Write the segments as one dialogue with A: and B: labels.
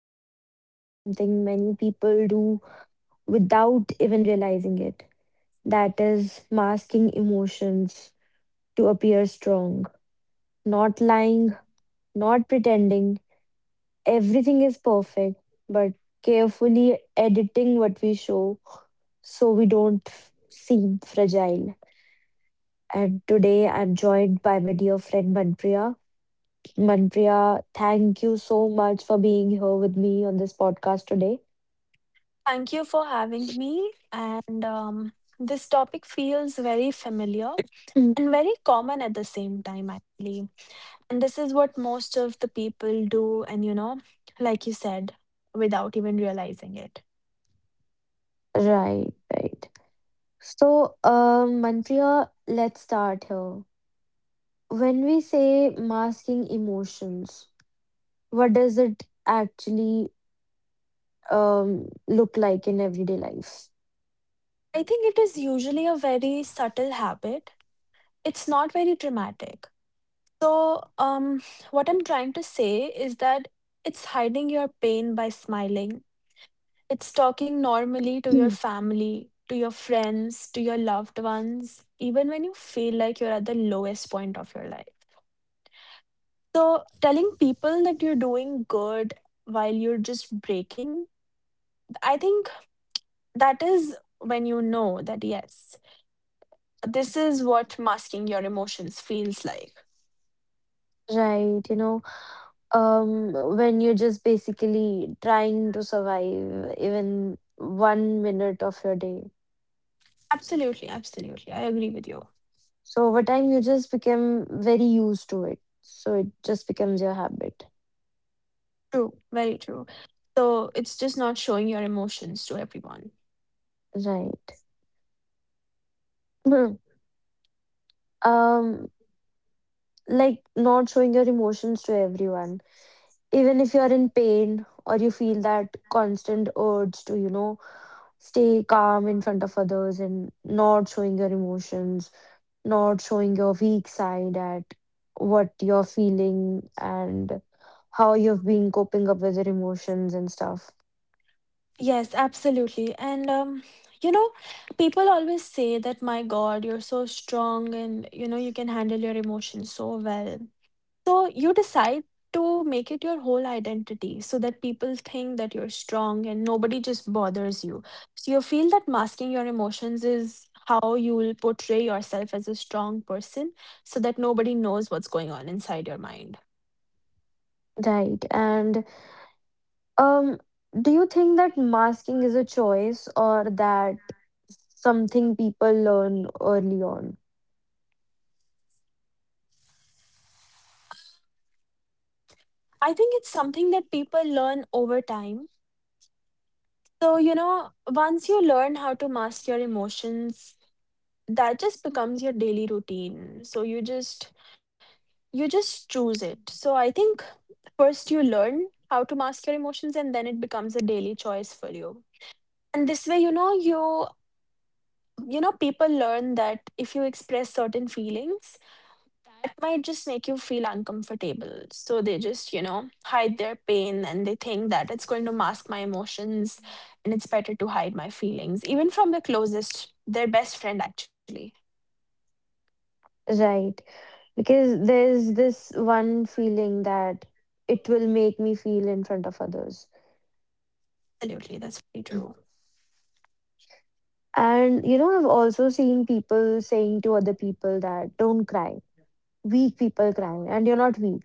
A: are talking about something many people do without even realizing it, that is, masking emotions to appear strong. Not lying, not pretending. Everything is perfect, but carefully editing what we show so we don't seem fragile. And today, I'm joined by my dear friend Manpriya. Manpreet, thank you so much for being here with me on this podcast today.
B: Thank you for having me. And This topic feels very familiar
A: Mm.
B: and very common at the same time, actually. And this is what most of the people do, and you know, like you said, without even realizing it.
A: Right, right. So, Manpreet, let's start here. When we say masking emotions, what does it actually look like in everyday life?
B: I think it is usually a very subtle habit, it's not very dramatic. So, um, what I'm trying to say is that it's hiding your pain by smiling. It's talking normally to your
A: Mm.
B: family, to your friends, to your loved ones, even when you feel like you're at the lowest point of your life. So, telling people that you're doing good while you're just breaking, I think that is when you know that, yes, this is what masking your emotions feels like.
A: Right, when you're just basically trying to survive even one minute of your day.
B: Absolutely, absolutely. I agree with you.
A: So over time, you just become very used to it. So it just becomes your habit.
B: True, very true. So, it's just not showing your emotions to everyone.
A: Right. Hmm. um, like not showing your emotions to everyone. Even if you're in pain or you feel that constant urge to, stay calm in front of others and not showing your emotions, not showing your weak side at what you're feeling and how you've been coping up with your emotions and stuff.
B: Yes, absolutely. And You know, people always say that, my God, you're so strong and you know, you can handle your emotions so well. So you decide to make it your whole identity so that people think that you're strong and nobody just bothers you. So you feel that masking your emotions is how you will portray yourself as a strong person so that nobody knows what's going on inside your mind.
A: Right. And Um, do you think that masking is a choice or that something people learn early on?
B: I think it's something that people learn over time. So, you know, once you learn how to mask your emotions, that just becomes your daily routine. So you just choose it. So I think first you learn how to mask your emotions, and then it becomes a daily choice for you. And this way, you know, you know, people learn that if you express certain feelings, that might just make you feel uncomfortable. So they just, you know, hide their pain and they think that it's going to mask my emotions, and it's better to hide my feelings, even from the closest, their best friend, actually.
A: Right. Because there's this one feeling that it will make me feel in front of others.
B: Absolutely, that's pretty true.
A: And, I've also seen people saying to other people that don't cry. Weak people crying and you're not weak,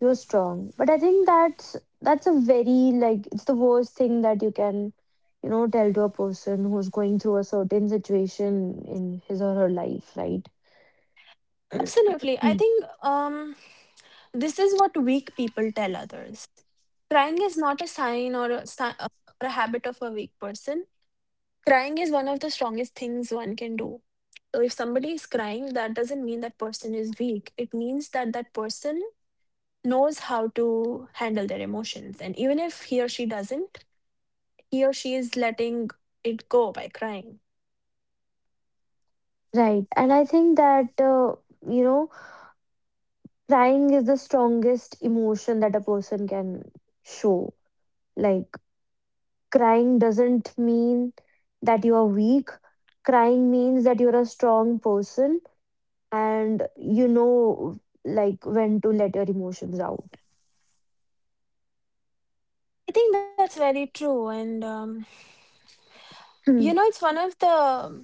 A: you're strong, but I think that's a very, like, it's the worst thing that you can, tell to a person who's going through a certain situation in his or her life, right?
B: Absolutely. I
A: Hmm.
B: think um, this is what weak people tell others. Crying is not a sign or or a habit of a weak person. Crying is one of the strongest things one can do. So if somebody is crying, that doesn't mean that person is weak. It means that that person knows how to handle their emotions. And even if he or she doesn't, he or she is letting it go by crying.
A: Right, and I think that you know crying is the strongest emotion that a person can show. Like, crying doesn't mean that you are weak. Crying means that you're a strong person, and you know like when to let your emotions out.
B: I think that's very true. You know,
A: Mm.
B: it's one of the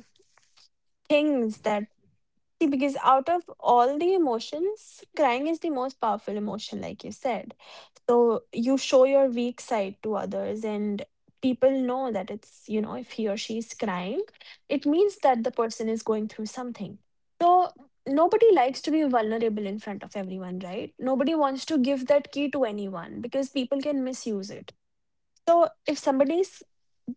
B: things that, see, because out of all the emotions, crying is the most powerful emotion, like you said. So you show your weak side to others, and people know that it's, you know, if he or she is crying, it means that the person is going through something. So nobody likes to be vulnerable in front of everyone, right? Nobody wants to give that key to anyone because people can misuse it. So if somebody's—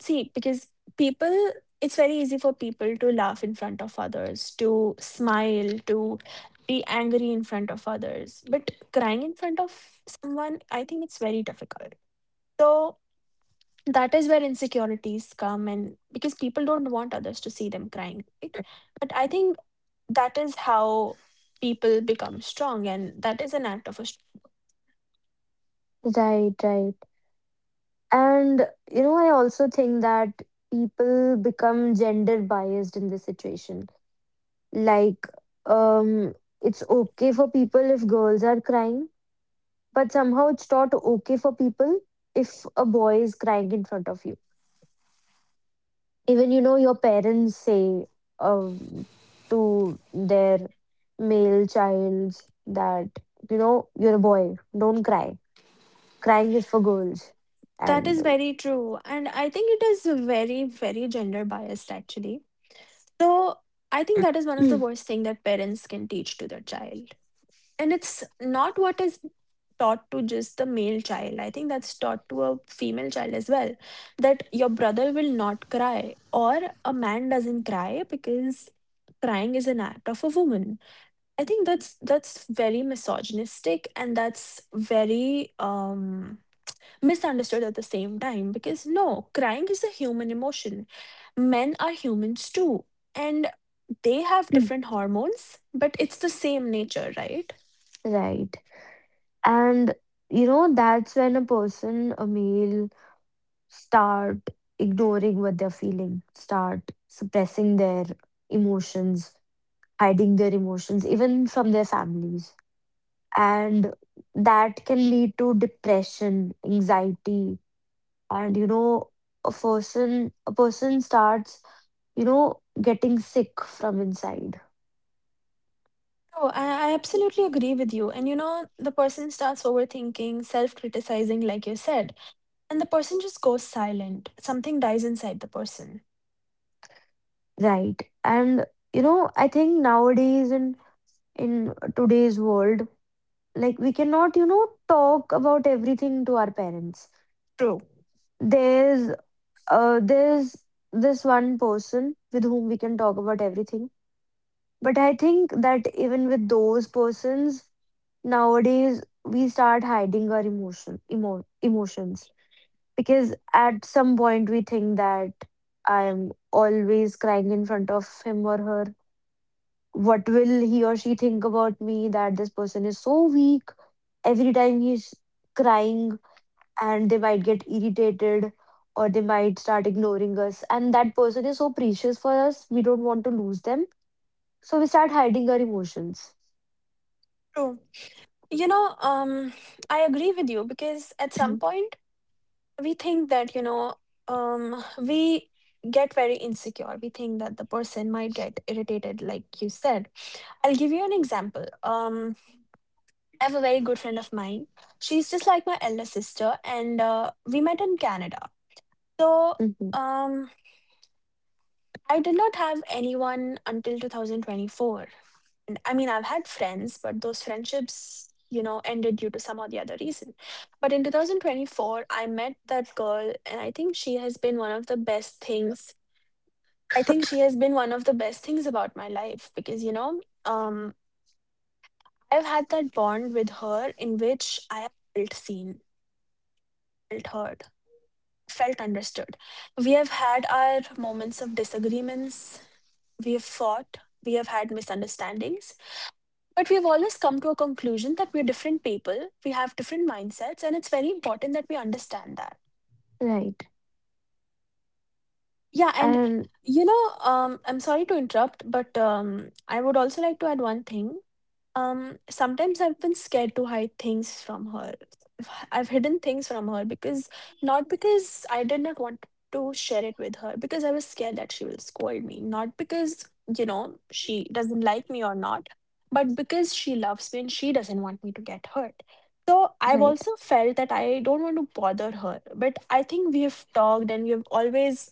B: see, because people, it's very easy for people to laugh in front of others, to smile, to be angry in front of others. But crying in front of someone, I think it's very difficult. So that is where insecurities come, and because people don't want others to see them crying, right? But I think that is how people become strong, and that is an act of a.
A: Right, right. And you know, I also think that people become gender biased in this situation, like, um it's okay for people if girls are crying, but somehow it's not okay for people if a boy is crying in front of you. Even, you know, your parents say um, to their male child that, you know, you're a boy, don't cry. Crying is for girls.
B: That
A: And
B: is very true. And I think it is very, very gender biased, actually. So I think that is one of the worst thing that parents can teach to their child. And it's not what is taught to just the male child. I think that's taught to a female child as well. That your brother will not cry, or a man doesn't cry because crying is an act of a woman. I think that's very misogynistic and that's very misunderstood at the same time because no, crying is a human emotion. Men are humans too, and they have different hormones, but it's the same nature, right?
A: right, and you know, that's when a person, a male, start ignoring what they're feeling, start suppressing their emotions, hiding their emotions even from their families, and that can lead to depression, anxiety. And you know, a person starts, you know, getting sick from inside.
B: Oh, I absolutely agree with you. And you know, the person starts overthinking, self criticizing, like you said, and the person just goes silent. Something dies inside the person.
A: Right, and you know, I think nowadays, in today's world, like, we cannot, you know, talk about everything to our parents.
B: True.
A: There's there's this one person with whom we can talk about everything. But I think that even with those persons, nowadays we start hiding our emotions, because at some point we think that, I am always crying in front of him or her, what will he or she think about me, that this person is so weak every time he's crying, and they might get irritated or they might start ignoring us, and that person is so precious for us, we don't want to lose them, so we start hiding our emotions.
B: True. You know, um, I agree with you because at some
A: Mm-hmm.
B: point we think that, you know, we get very insecure, we think that the person might get irritated, like you said. I'll give you an example. I have a very good friend of mine, she's just like my elder sister, and we met in Canada. So
A: Mm-hmm.
B: um I did not have anyone until 2024, and I mean, I've had friends, but those friendships, you know, ended due to some or the other reason. But in 2024, I met that girl, and I think she has been one of the best things. I think she has been one of the best things about my life because, you know, I've had that bond with her in which I have felt seen, felt heard, felt understood. We have had our moments of disagreements, we have fought, we have had misunderstandings, but we've always come to a conclusion that we're different people, we have different mindsets, and it's very important that we understand that.
A: Right.
B: Yeah, and
A: And
B: you know, I'm sorry to interrupt, but I would also like to add one thing. Sometimes I've been scared to hide things from her. I've hidden things from her because not because I did not want to share it with her, because I was scared that she will scold me, not because, you know, she doesn't like me or not, but because she loves me and she doesn't want me to get hurt. So I've
A: right,
B: also felt that I don't want to bother her, but I think we have talked and we have always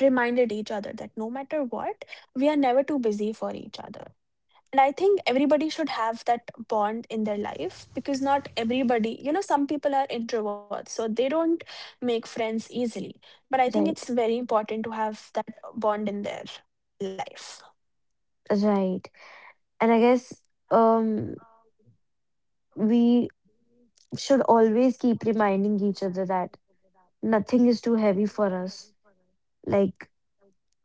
B: reminded each other that no matter what, we are never too busy for each other. And I think everybody should have that bond in their life because not everybody, you know, some people are introverts, so they don't make friends easily. But I think
A: right,
B: it's very important to have that bond in their life.
A: right. And I guess um we should always keep reminding each other that nothing is too heavy for us. Like,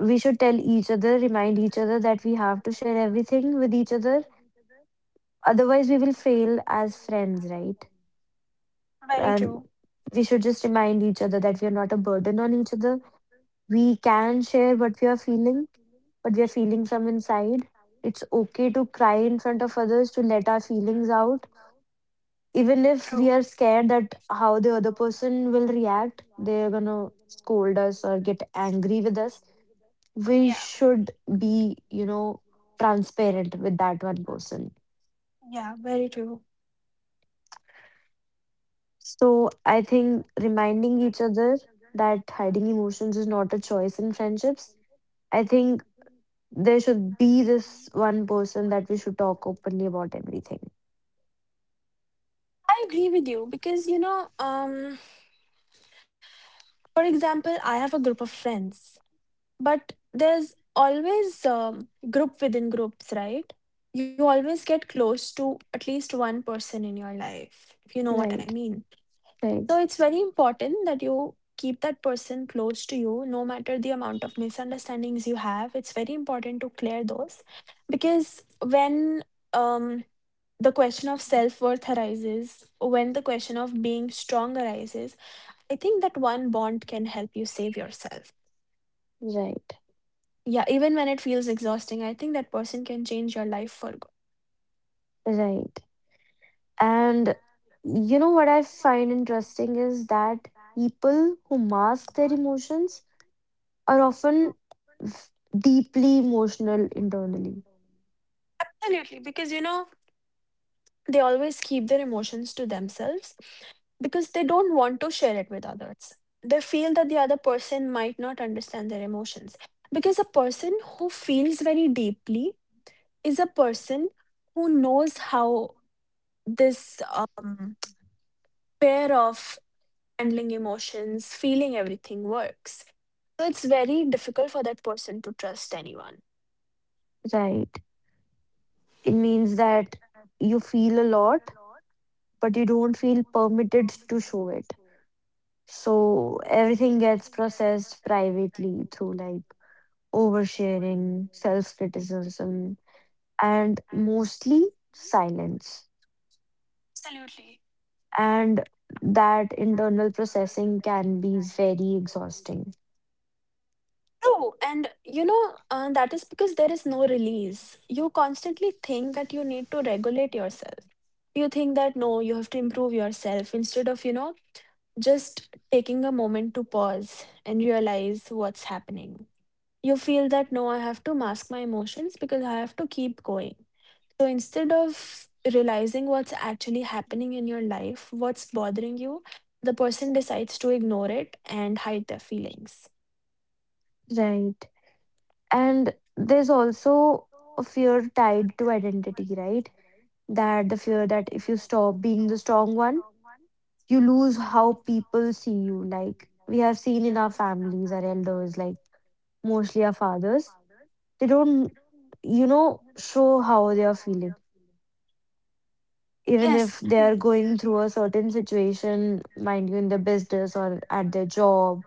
A: we should tell each other, remind each other that we have to share everything with each other. Otherwise, we will fail as friends, right?
B: Very
A: And
B: true.
A: we should just remind each other that we are not a burden on each other. We can share what we are feeling, what we are feeling from inside. It's okay to cry in front of others, to let our feelings out. Even if we are
B: True.
A: scared that how the other person will react, they're gonna scold us or get angry with us. We
B: Yeah.
A: should be, you know, transparent with that one person.
B: Yeah, very true.
A: So I think reminding each other that hiding emotions is not a choice in friendships. I think there should be this one person that we should talk openly about everything.
B: I agree with you because, you know, for example, I have a group of friends. But there's always group within groups, right? You always get close to at least one person in your life, if you know what I
A: Right,
B: mean.
A: right,
B: So it's very important that you keep that person close to you, no matter the amount of misunderstandings you have. It's very important to clear those because when um, the question of self worth arises, when the question of being strong arises, I think that one bond can help you save yourself.
A: right.
B: Yeah, even when it feels exhausting, I think that person can change your life for good.
A: Right. And you know what I find interesting is that people who mask their emotions are often f- deeply emotional internally.
B: Absolutely, because you know, they always keep their emotions to themselves because they don't want to share it with others. They feel that the other person might not understand their emotions. Because a person who feels very deeply is a person who knows how this pair of handling emotions, feeling everything works. So it's very difficult for that person to trust anyone.
A: Right. It means that you feel a lot, but you don't feel permitted to show it. So everything gets processed privately through, like, oversharing, self criticism, and mostly silence.
B: Absolutely.
A: And that internal processing can be very exhausting.
B: True, and you know, that is because there is no release. You constantly think that you need to regulate yourself. You think that no, you have to improve yourself instead of, you know, just taking a moment to pause and realize what's happening. You feel that no, I have to mask my emotions because I have to keep going. So instead of realizing what's actually happening in your life, what's bothering you, the person decides to ignore it and hide their feelings.
A: Right. And there's also a fear tied to identity, right? That the fear that if you stop being the strong one, you lose how people see you. Like we have seen in our families, our elders, like mostly our fathers, they don't, you know, show how they are feeling even if they are going through a certain situation, mind you, in their business or at their job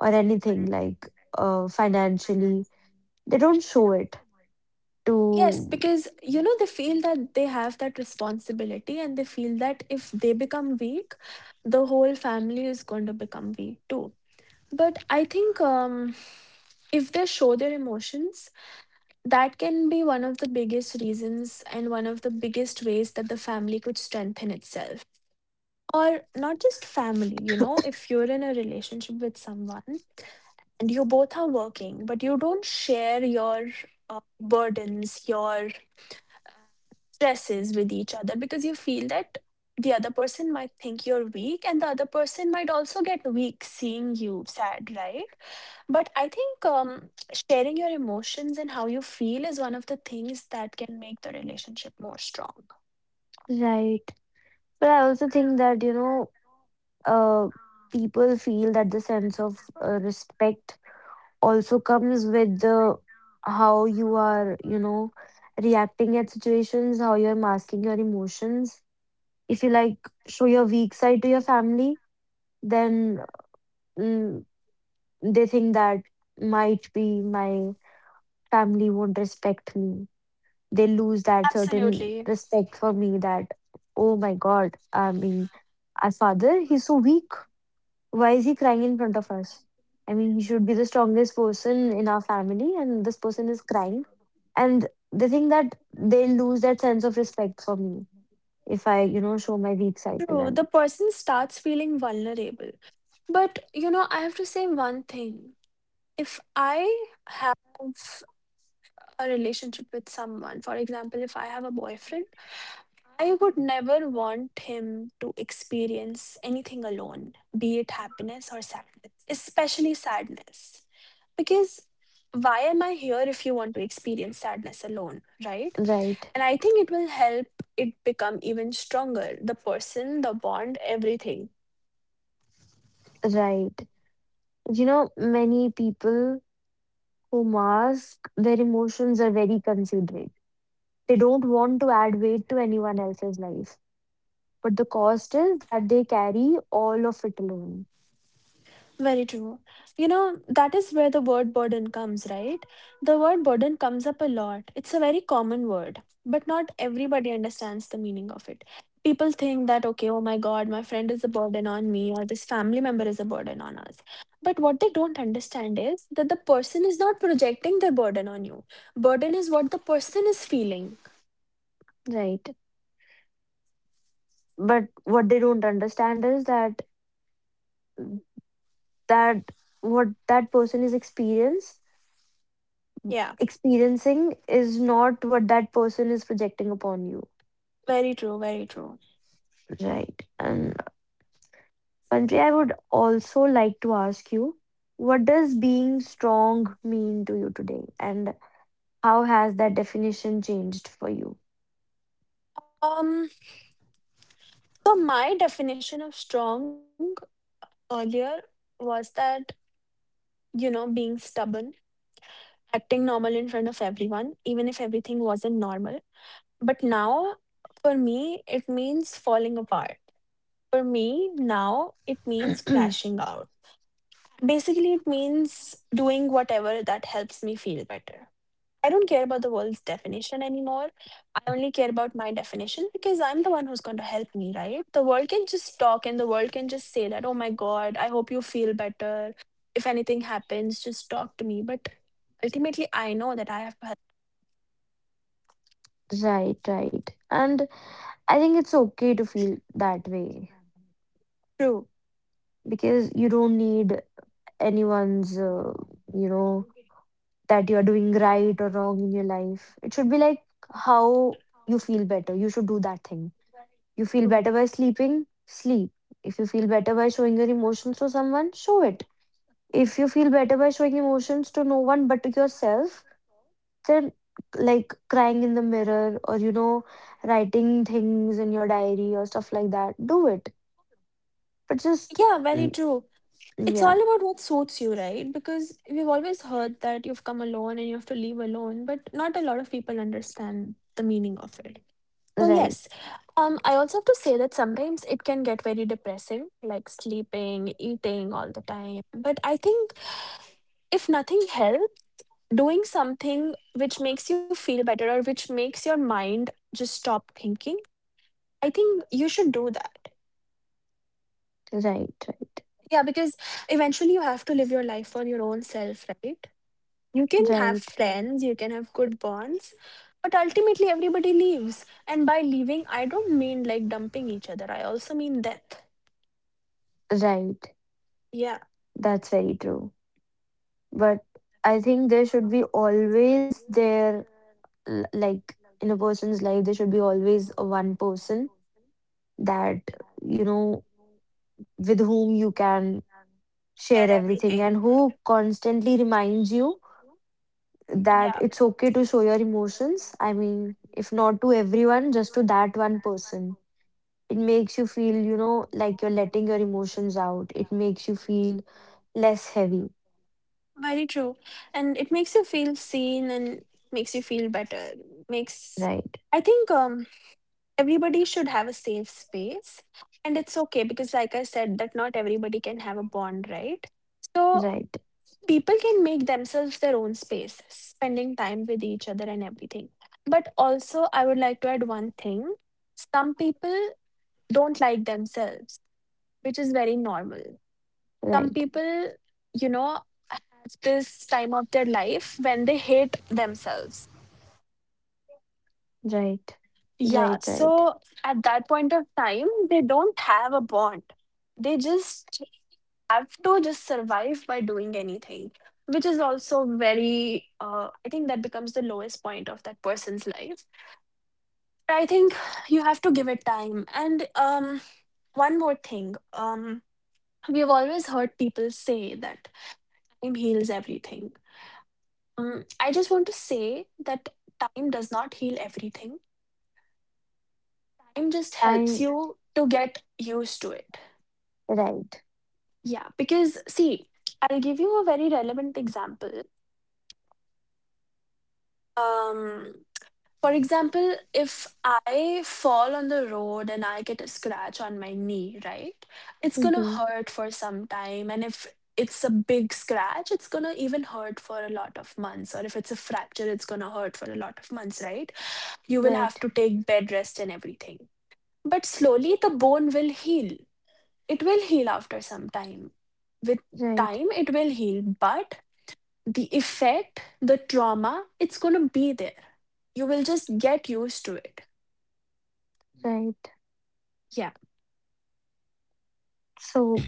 A: or anything like, financially, they don't show it
B: Yes,
A: to.
B: because you know they feel that they have that responsibility and they feel that if they become weak, the whole family is going to become weak too. But I think if they show their emotions, that can be one of the biggest reasons and one of the biggest ways that the family could strengthen itself. Or not just family, you know, if you're in a relationship with someone and you both are working, but you don't share your burdens, your stresses with each other because you feel that the other person might think you're weak and the other person might also get weak seeing you sad, right? But I think sharing your emotions and how you feel is one of the things that can make the relationship more strong.
A: Right. But I also think that, you know, uh, people feel that the sense of respect also comes with the how you are, you know, reacting at situations, how you're masking your emotions. If you, like, show your weak side to your family, then mm, they think that, might be my family won't respect me. They lose that certain
B: Absolutely.
A: respect for me that, oh my God, I mean, our father, he's so weak. Why is he crying in front of us? I mean, he should be the strongest person in our family, and this person is crying. And they think that they lose that sense of respect for me if I, you know, show my weak side to
B: True, the
A: them.
B: person starts feeling vulnerable. But you know, I have to say one thing. If I have a relationship with someone, for example, if I have a boyfriend, I would never want him to experience anything alone, be it happiness or sadness, especially sadness. Because why am I here if you want to experience sadness alone, right?
A: Right,
B: And I think it will help it become even stronger, the person, the bond, everything.
A: right. You know, many people who mask their emotions are very considerate. They don't want to add weight to anyone else's life. But the cost is that they carry all of it alone.
B: Very true. You know, that is where the word burden comes, right? The word burden comes up a lot. It's a very common word, but not everybody understands the meaning of it. People think that, okay, oh my God, my friend is a burden on me, or this family member is a burden on us. But what they don't understand is that the person is not projecting their burden on you. Burden is what the person is feeling.
A: Right. But what they don't understand is that that what that person is experience
B: Yeah,
A: experiencing is not what that person is projecting upon you.
B: very true, very true.
A: Right. And Pantri, I would also like to ask you, what does being strong mean to you today? And how has that definition changed for you?
B: Um, so my definition of strong earlier was that you know, being stubborn, acting normal in front of everyone, even if everything wasn't normal. But now, for me, it means falling apart. For me, now, it means crashing out. Basically, it means doing whatever that helps me feel better. I don't care about the world's definition anymore. I only care about my definition because I'm the one who's going to help me, right? The world can just talk and the world can just say that, oh my God, I hope you feel better. If anything happens, just talk to me. But ultimately, I know that I have to help.
A: Right, right, and I think it's okay to feel that way,
B: True.
A: because you don't need anyone's, you know, that you are doing right or wrong in your life. It should be like how you feel better, you should do that thing. You feel better by sleeping, sleep. If you feel better by showing your emotions to someone, show it. If you feel better by showing emotions to no one but to yourself, then, like crying in the mirror or, you know, writing things in your diary or stuff like that, do it. But just
B: Yeah, very
A: mm,
B: true. It's
A: yeah.
B: all about what suits you, right? Because we've always heard that you've come alone and you have to leave alone, but not a lot of people understand the meaning of it. So yes,
A: Right,
B: I also have to say that sometimes it can get very depressing, like sleeping, eating all the time. But I think if nothing helps, doing something which makes you feel better or which makes your mind just stop thinking, I think you should do that.
A: right, right,
B: Yeah, because eventually you have to live your life for your own self, right? You can have
A: right,
B: friends, you can have good bonds, but ultimately everybody leaves. And by leaving, I don't mean like dumping each other, I also mean death.
A: right,
B: Yeah,
A: that's very true but I think there should be always there l- like in a person's life there should be always a one person that you know with whom you can share everything and who constantly reminds you that
B: yeah,
A: it's okay to show your emotions. I mean, if not to everyone, just to that one person. It makes you feel, you know, like you're letting your emotions out. It makes you feel less heavy.
B: very true. And it makes you feel seen and makes you feel better. Makes
A: Right,
B: I think everybody should have a safe space. And it's okay because like I said that not everybody can have a bond, right? So
A: right,
B: people can make themselves their own space, spending time with each other and everything. But also I would like to add one thing. Some people don't like themselves, which is very normal. Some
A: right,
B: people, you know, have this time of their life when they hate themselves.
A: right,
B: Yeah.
A: right, right.
B: So at that point of time, they don't have a bond. They just have to just survive by doing anything, which is also very, I think that becomes the lowest point of that person's life. I think you have to give it time. And One more thing. We've always heard people say that time heals everything. I just want to say that time does not heal everything. Time just helps
A: I'm
B: you to get used to it.
A: right.
B: Yeah, because see, I'll give you a very relevant example. Um, for example, if I fall on the road and I get a scratch on my knee, right? It's gonna
A: Mm-hmm.
B: hurt for some time, and if it's a big scratch, it's gonna even hurt for a lot of months. Or if it's a fracture, it's gonna hurt for a lot of months, right? You will have
A: Right,
B: to take bed rest and everything. But slowly the bone will heal. It will heal after some time. With
A: right,
B: time, it will heal, but the effect, the trauma, it's going to be there. You will just get used to it.
A: right.
B: Yeah,
A: So,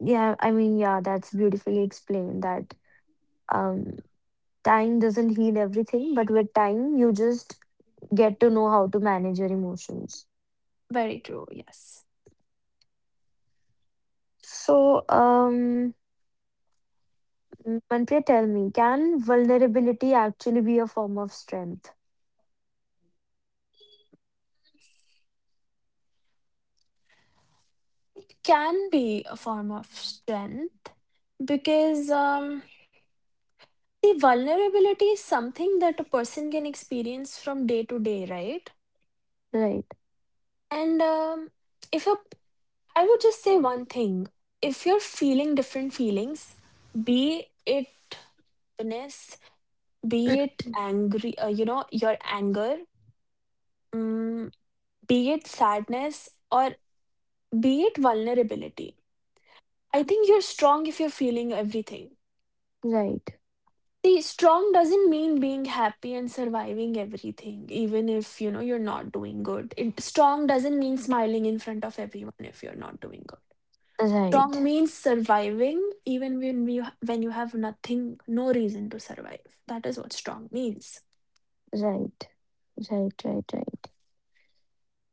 A: yeah, I mean, yeah, that's beautifully explained that. Um, Time doesn't heal everything, but with time, you just get to know how to manage your emotions.
B: very true. Yes.
A: So, Manpreet, tell me, can vulnerability actually be a form of strength?
B: Can be a form of strength because the vulnerability is something that a person can experience from day to day, right?
A: Right,
B: And if a I would just say one thing. If you're feeling different feelings, be it happiness, be it angry, you know, your anger, mm, be it sadness, or be it vulnerability. I think you're strong if you're feeling everything.
A: right,
B: See, strong doesn't mean being happy and surviving everything, even if you know you're not doing good. It, strong doesn't mean smiling in front of everyone if you're not doing good. Strong
A: right,
B: means surviving even when you have nothing, no reason to survive. That is what strong means.
A: right, right, right, right.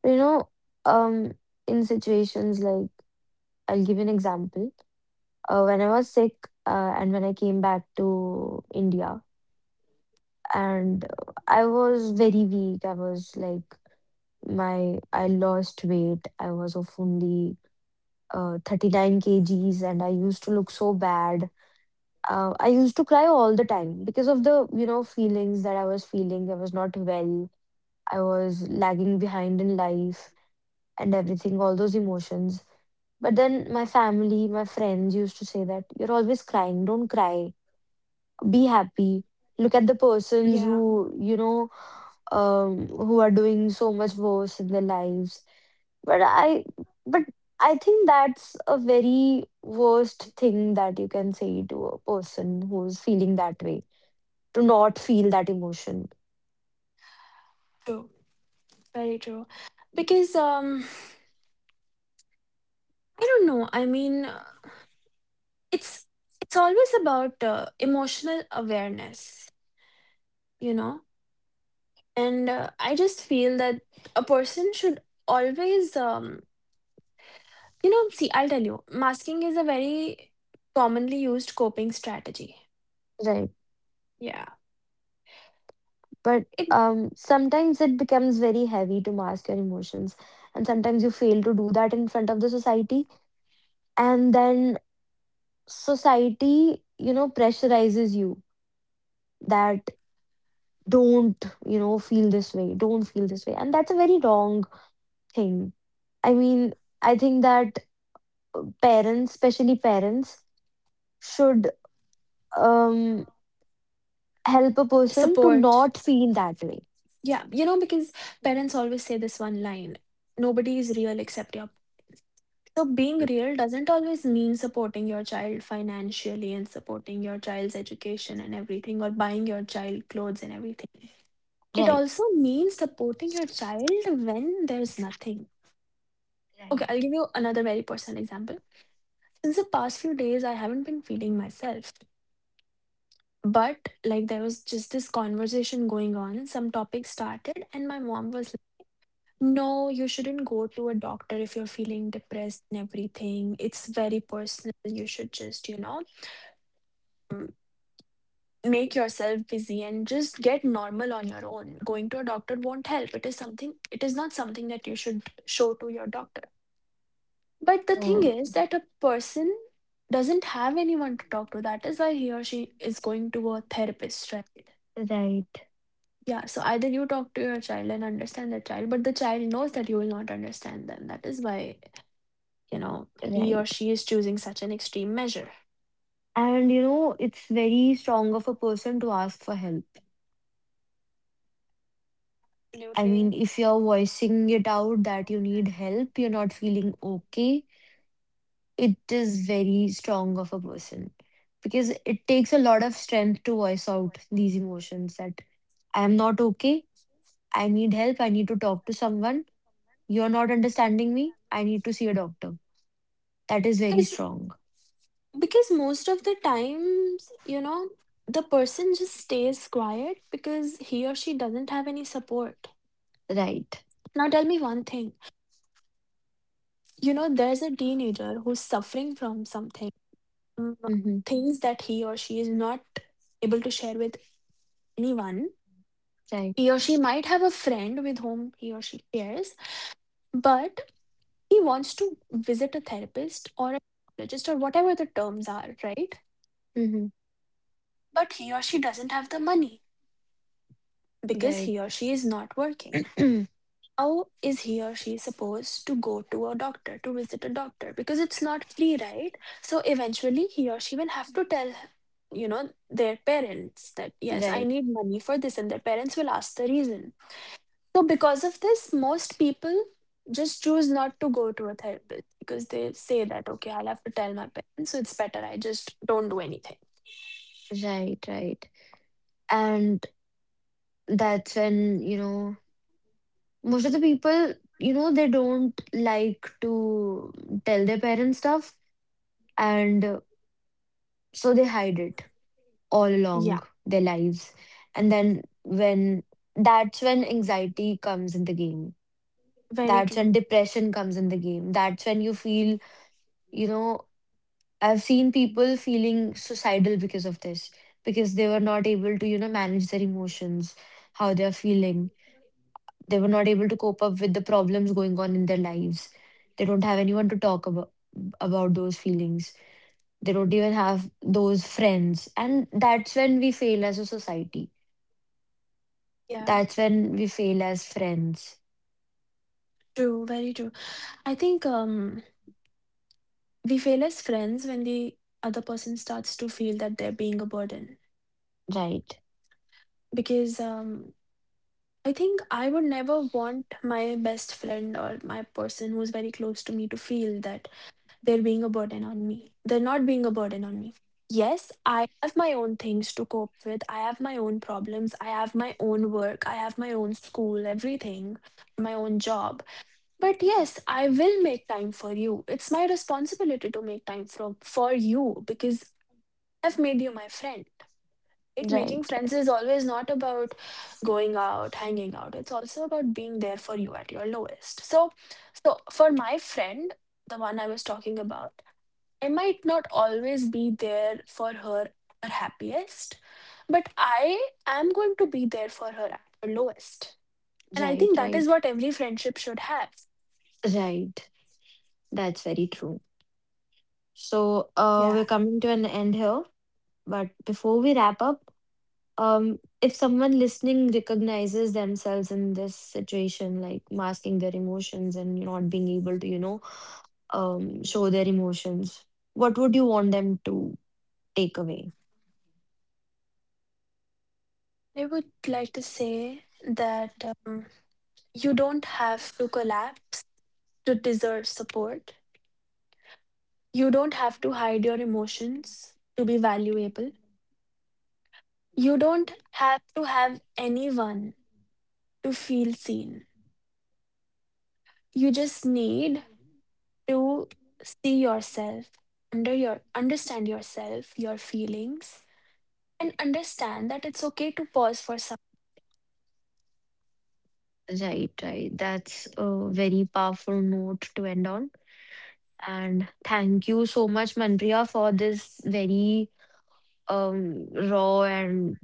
A: You know, um, in situations like, I'll give you an example. When I was sick, and when I came back to India, and I was very weak. I was like my I lost weight. I was of only 39 kgs, and I used to look so bad. I used to cry all the time because of the, you know, feelings that I was feeling. I was not well. I was lagging behind in life and everything, all those emotions. But then my family, my friends used to say that you're always crying, don't cry, be happy. Look at the persons
B: Yeah,
A: who, you know, who are doing so much worse in their lives. but i but I think that's a very worst thing that you can say to a person who's feeling that way, to not feel that emotion.
B: true, very true. Because I don't know. I mean, it's it's always about emotional awareness, you know. And I just feel that a person should always, you know, see. I'll tell you, masking is a very commonly used coping strategy.
A: Right.
B: Yeah,
A: But
B: it
A: sometimes it becomes very heavy to mask your emotions, and sometimes you fail to do that in front of the society, and then society, you know, pressurizes you that, don't, you know, feel this way, don't feel this way, and that's a very wrong thing. I mean, I think that parents, especially parents, should um help a person to
B: support.
A: not feel that way.
B: Yeah, you know, because parents always say this one line, nobody is real except your. So being real doesn't always mean supporting your child financially and supporting your child's education and everything or buying your child clothes and everything. It
A: Right.
B: also means supporting your child when there's nothing. Okay,
A: Right.
B: I'll give you another very personal example. Since the past few days, I haven't been feeling myself. But like there was just this conversation going on, some topic started, and my mom was no, you shouldn't go to a doctor if you're feeling depressed and everything. It's very personal. You should just, you know, mm, make yourself busy and just get normal on your own. Going to a doctor won't help. It is something, it is not something that you should show to your doctor. But the
A: Mm.
B: thing is that a person doesn't have anyone to talk to. That is why he or she is going to a therapist, right?
A: Right.
B: Yeah, so either you talk to your child and understand the child, but the child knows that you will not understand them. That is why you know he or
A: Right.
B: she is choosing such an extreme measure.
A: And you know, it's very strong of a person to ask for help. I mean,
B: Absolutely.
A: if you're voicing it out that you need help, you're not feeling okay, it is very strong of a person, because it takes a lot of strength to voice out these emotions that, I am not okay, I need help, I need to talk to someone. You're not understanding me. I need to see a doctor. That is very
B: because
A: strong.
B: because most of the times you know the person just stays quiet because he or she doesn't have any support.
A: Right.
B: Now tell me one thing, you know, there's a teenager who's suffering from something, um,
A: Mm-hmm.
B: things that he or she is not able to share with anyone.
A: Right.
B: He or she might have a friend with whom he or she shares, but he wants to visit a therapist or a psychologist or whatever the terms are, right?
A: Mm-hmm.
B: But he or she doesn't have the money because
A: Right.
B: he or she is not working. How is he or she supposed to go to a doctor to visit a doctor? Because it's not free, right? So eventually he or she will have to tell you know their parents that yes I
A: Right.
B: need money for this and their parents will ask the reason. So because of this, most people just choose not to go to a therapist because they say that, okay, I'll have to tell my parents, so it's better I just don't do anything.
A: Right. Right. And that's when, you know, most of the people, you know, they don't like to tell their parents stuff. And so they hide it all
B: Yeah,
A: along their lives. And then when that's when anxiety comes in the game.
B: very
A: That's when
B: true.
A: depression comes in the game. That's when you feel, you know, I've seen people feeling suicidal because of this, because they were not able to, you know, manage their emotions, how they're feeling. They were not able to cope up with the problems going on in their lives. They don't have anyone to talk about those feelings. They don't even have those friends. And that's when we fail as a society.
B: Yeah,
A: That's when we fail as friends.
B: true, very true. I think we fail as friends when the other person starts to feel that they're being a burden
A: Right.
B: because I think I would never want my best friend or my person who's very close to me to feel that they're being a burden on me. They're not being a burden on me. Yes, I have my own things to cope with. I have my own problems. I have my own work. I have my own school, everything, my own job. But yes, I will make time for you. It's my responsibility to make time for you because I've made you my friend. Right? Making
A: Right.
B: friends is always not about going out, hanging out. It's also about being there for you at your lowest. So for my friend, the one I was talking about, I might not always be there for her at her happiest, but I am going to be there for her at her lowest. And I
A: Right.
B: think that is
A: Right.
B: what every friendship should have.
A: Right. That's very true. So,
B: Yeah.
A: we're coming to an end here. But before we wrap up, if someone listening recognizes themselves in this situation, like masking their emotions and not being able to, you know, show their emotions, what would you want them to take away?
B: I would like to say that um, you don't have to collapse to deserve support. You don't have to hide your emotions to be valuable. You don't have to have anyone to feel seen. You just need to see yourself, understand yourself, your feelings, and understand that it's okay to pause for some.
A: Right, right. That's a very powerful note to end on. And thank you so much, Manpriya, for this very raw and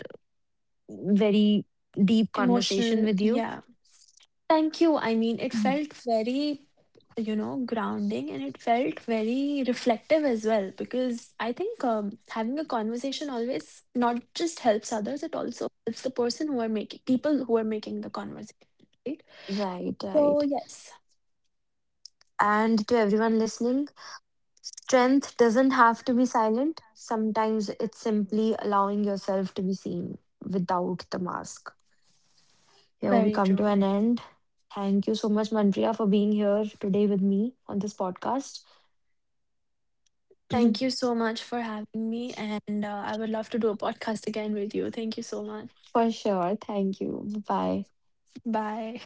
A: very deep conversation
B: Emotional,
A: with you.
B: yeah. Thank you. I mean, it
A: Mhm.
B: felt very you know grounding and it felt very reflective as well because I think having a conversation always not just helps others, it also helps the person who are making people who are making the conversation, right?
A: Right,
B: So
A: right.
B: yes,
A: And to everyone listening, strength doesn't have to be silent. Sometimes it's simply allowing yourself to be seen without the mask. Here we
B: very
A: come to
B: true.
A: an end. Thank you so much, Mandria, for being here today with me on this podcast.
B: Thank you so much for having me. And I would love to do a podcast again with you. Thank you so much.
A: For sure. Thank you. Bye bye.
B: Bye.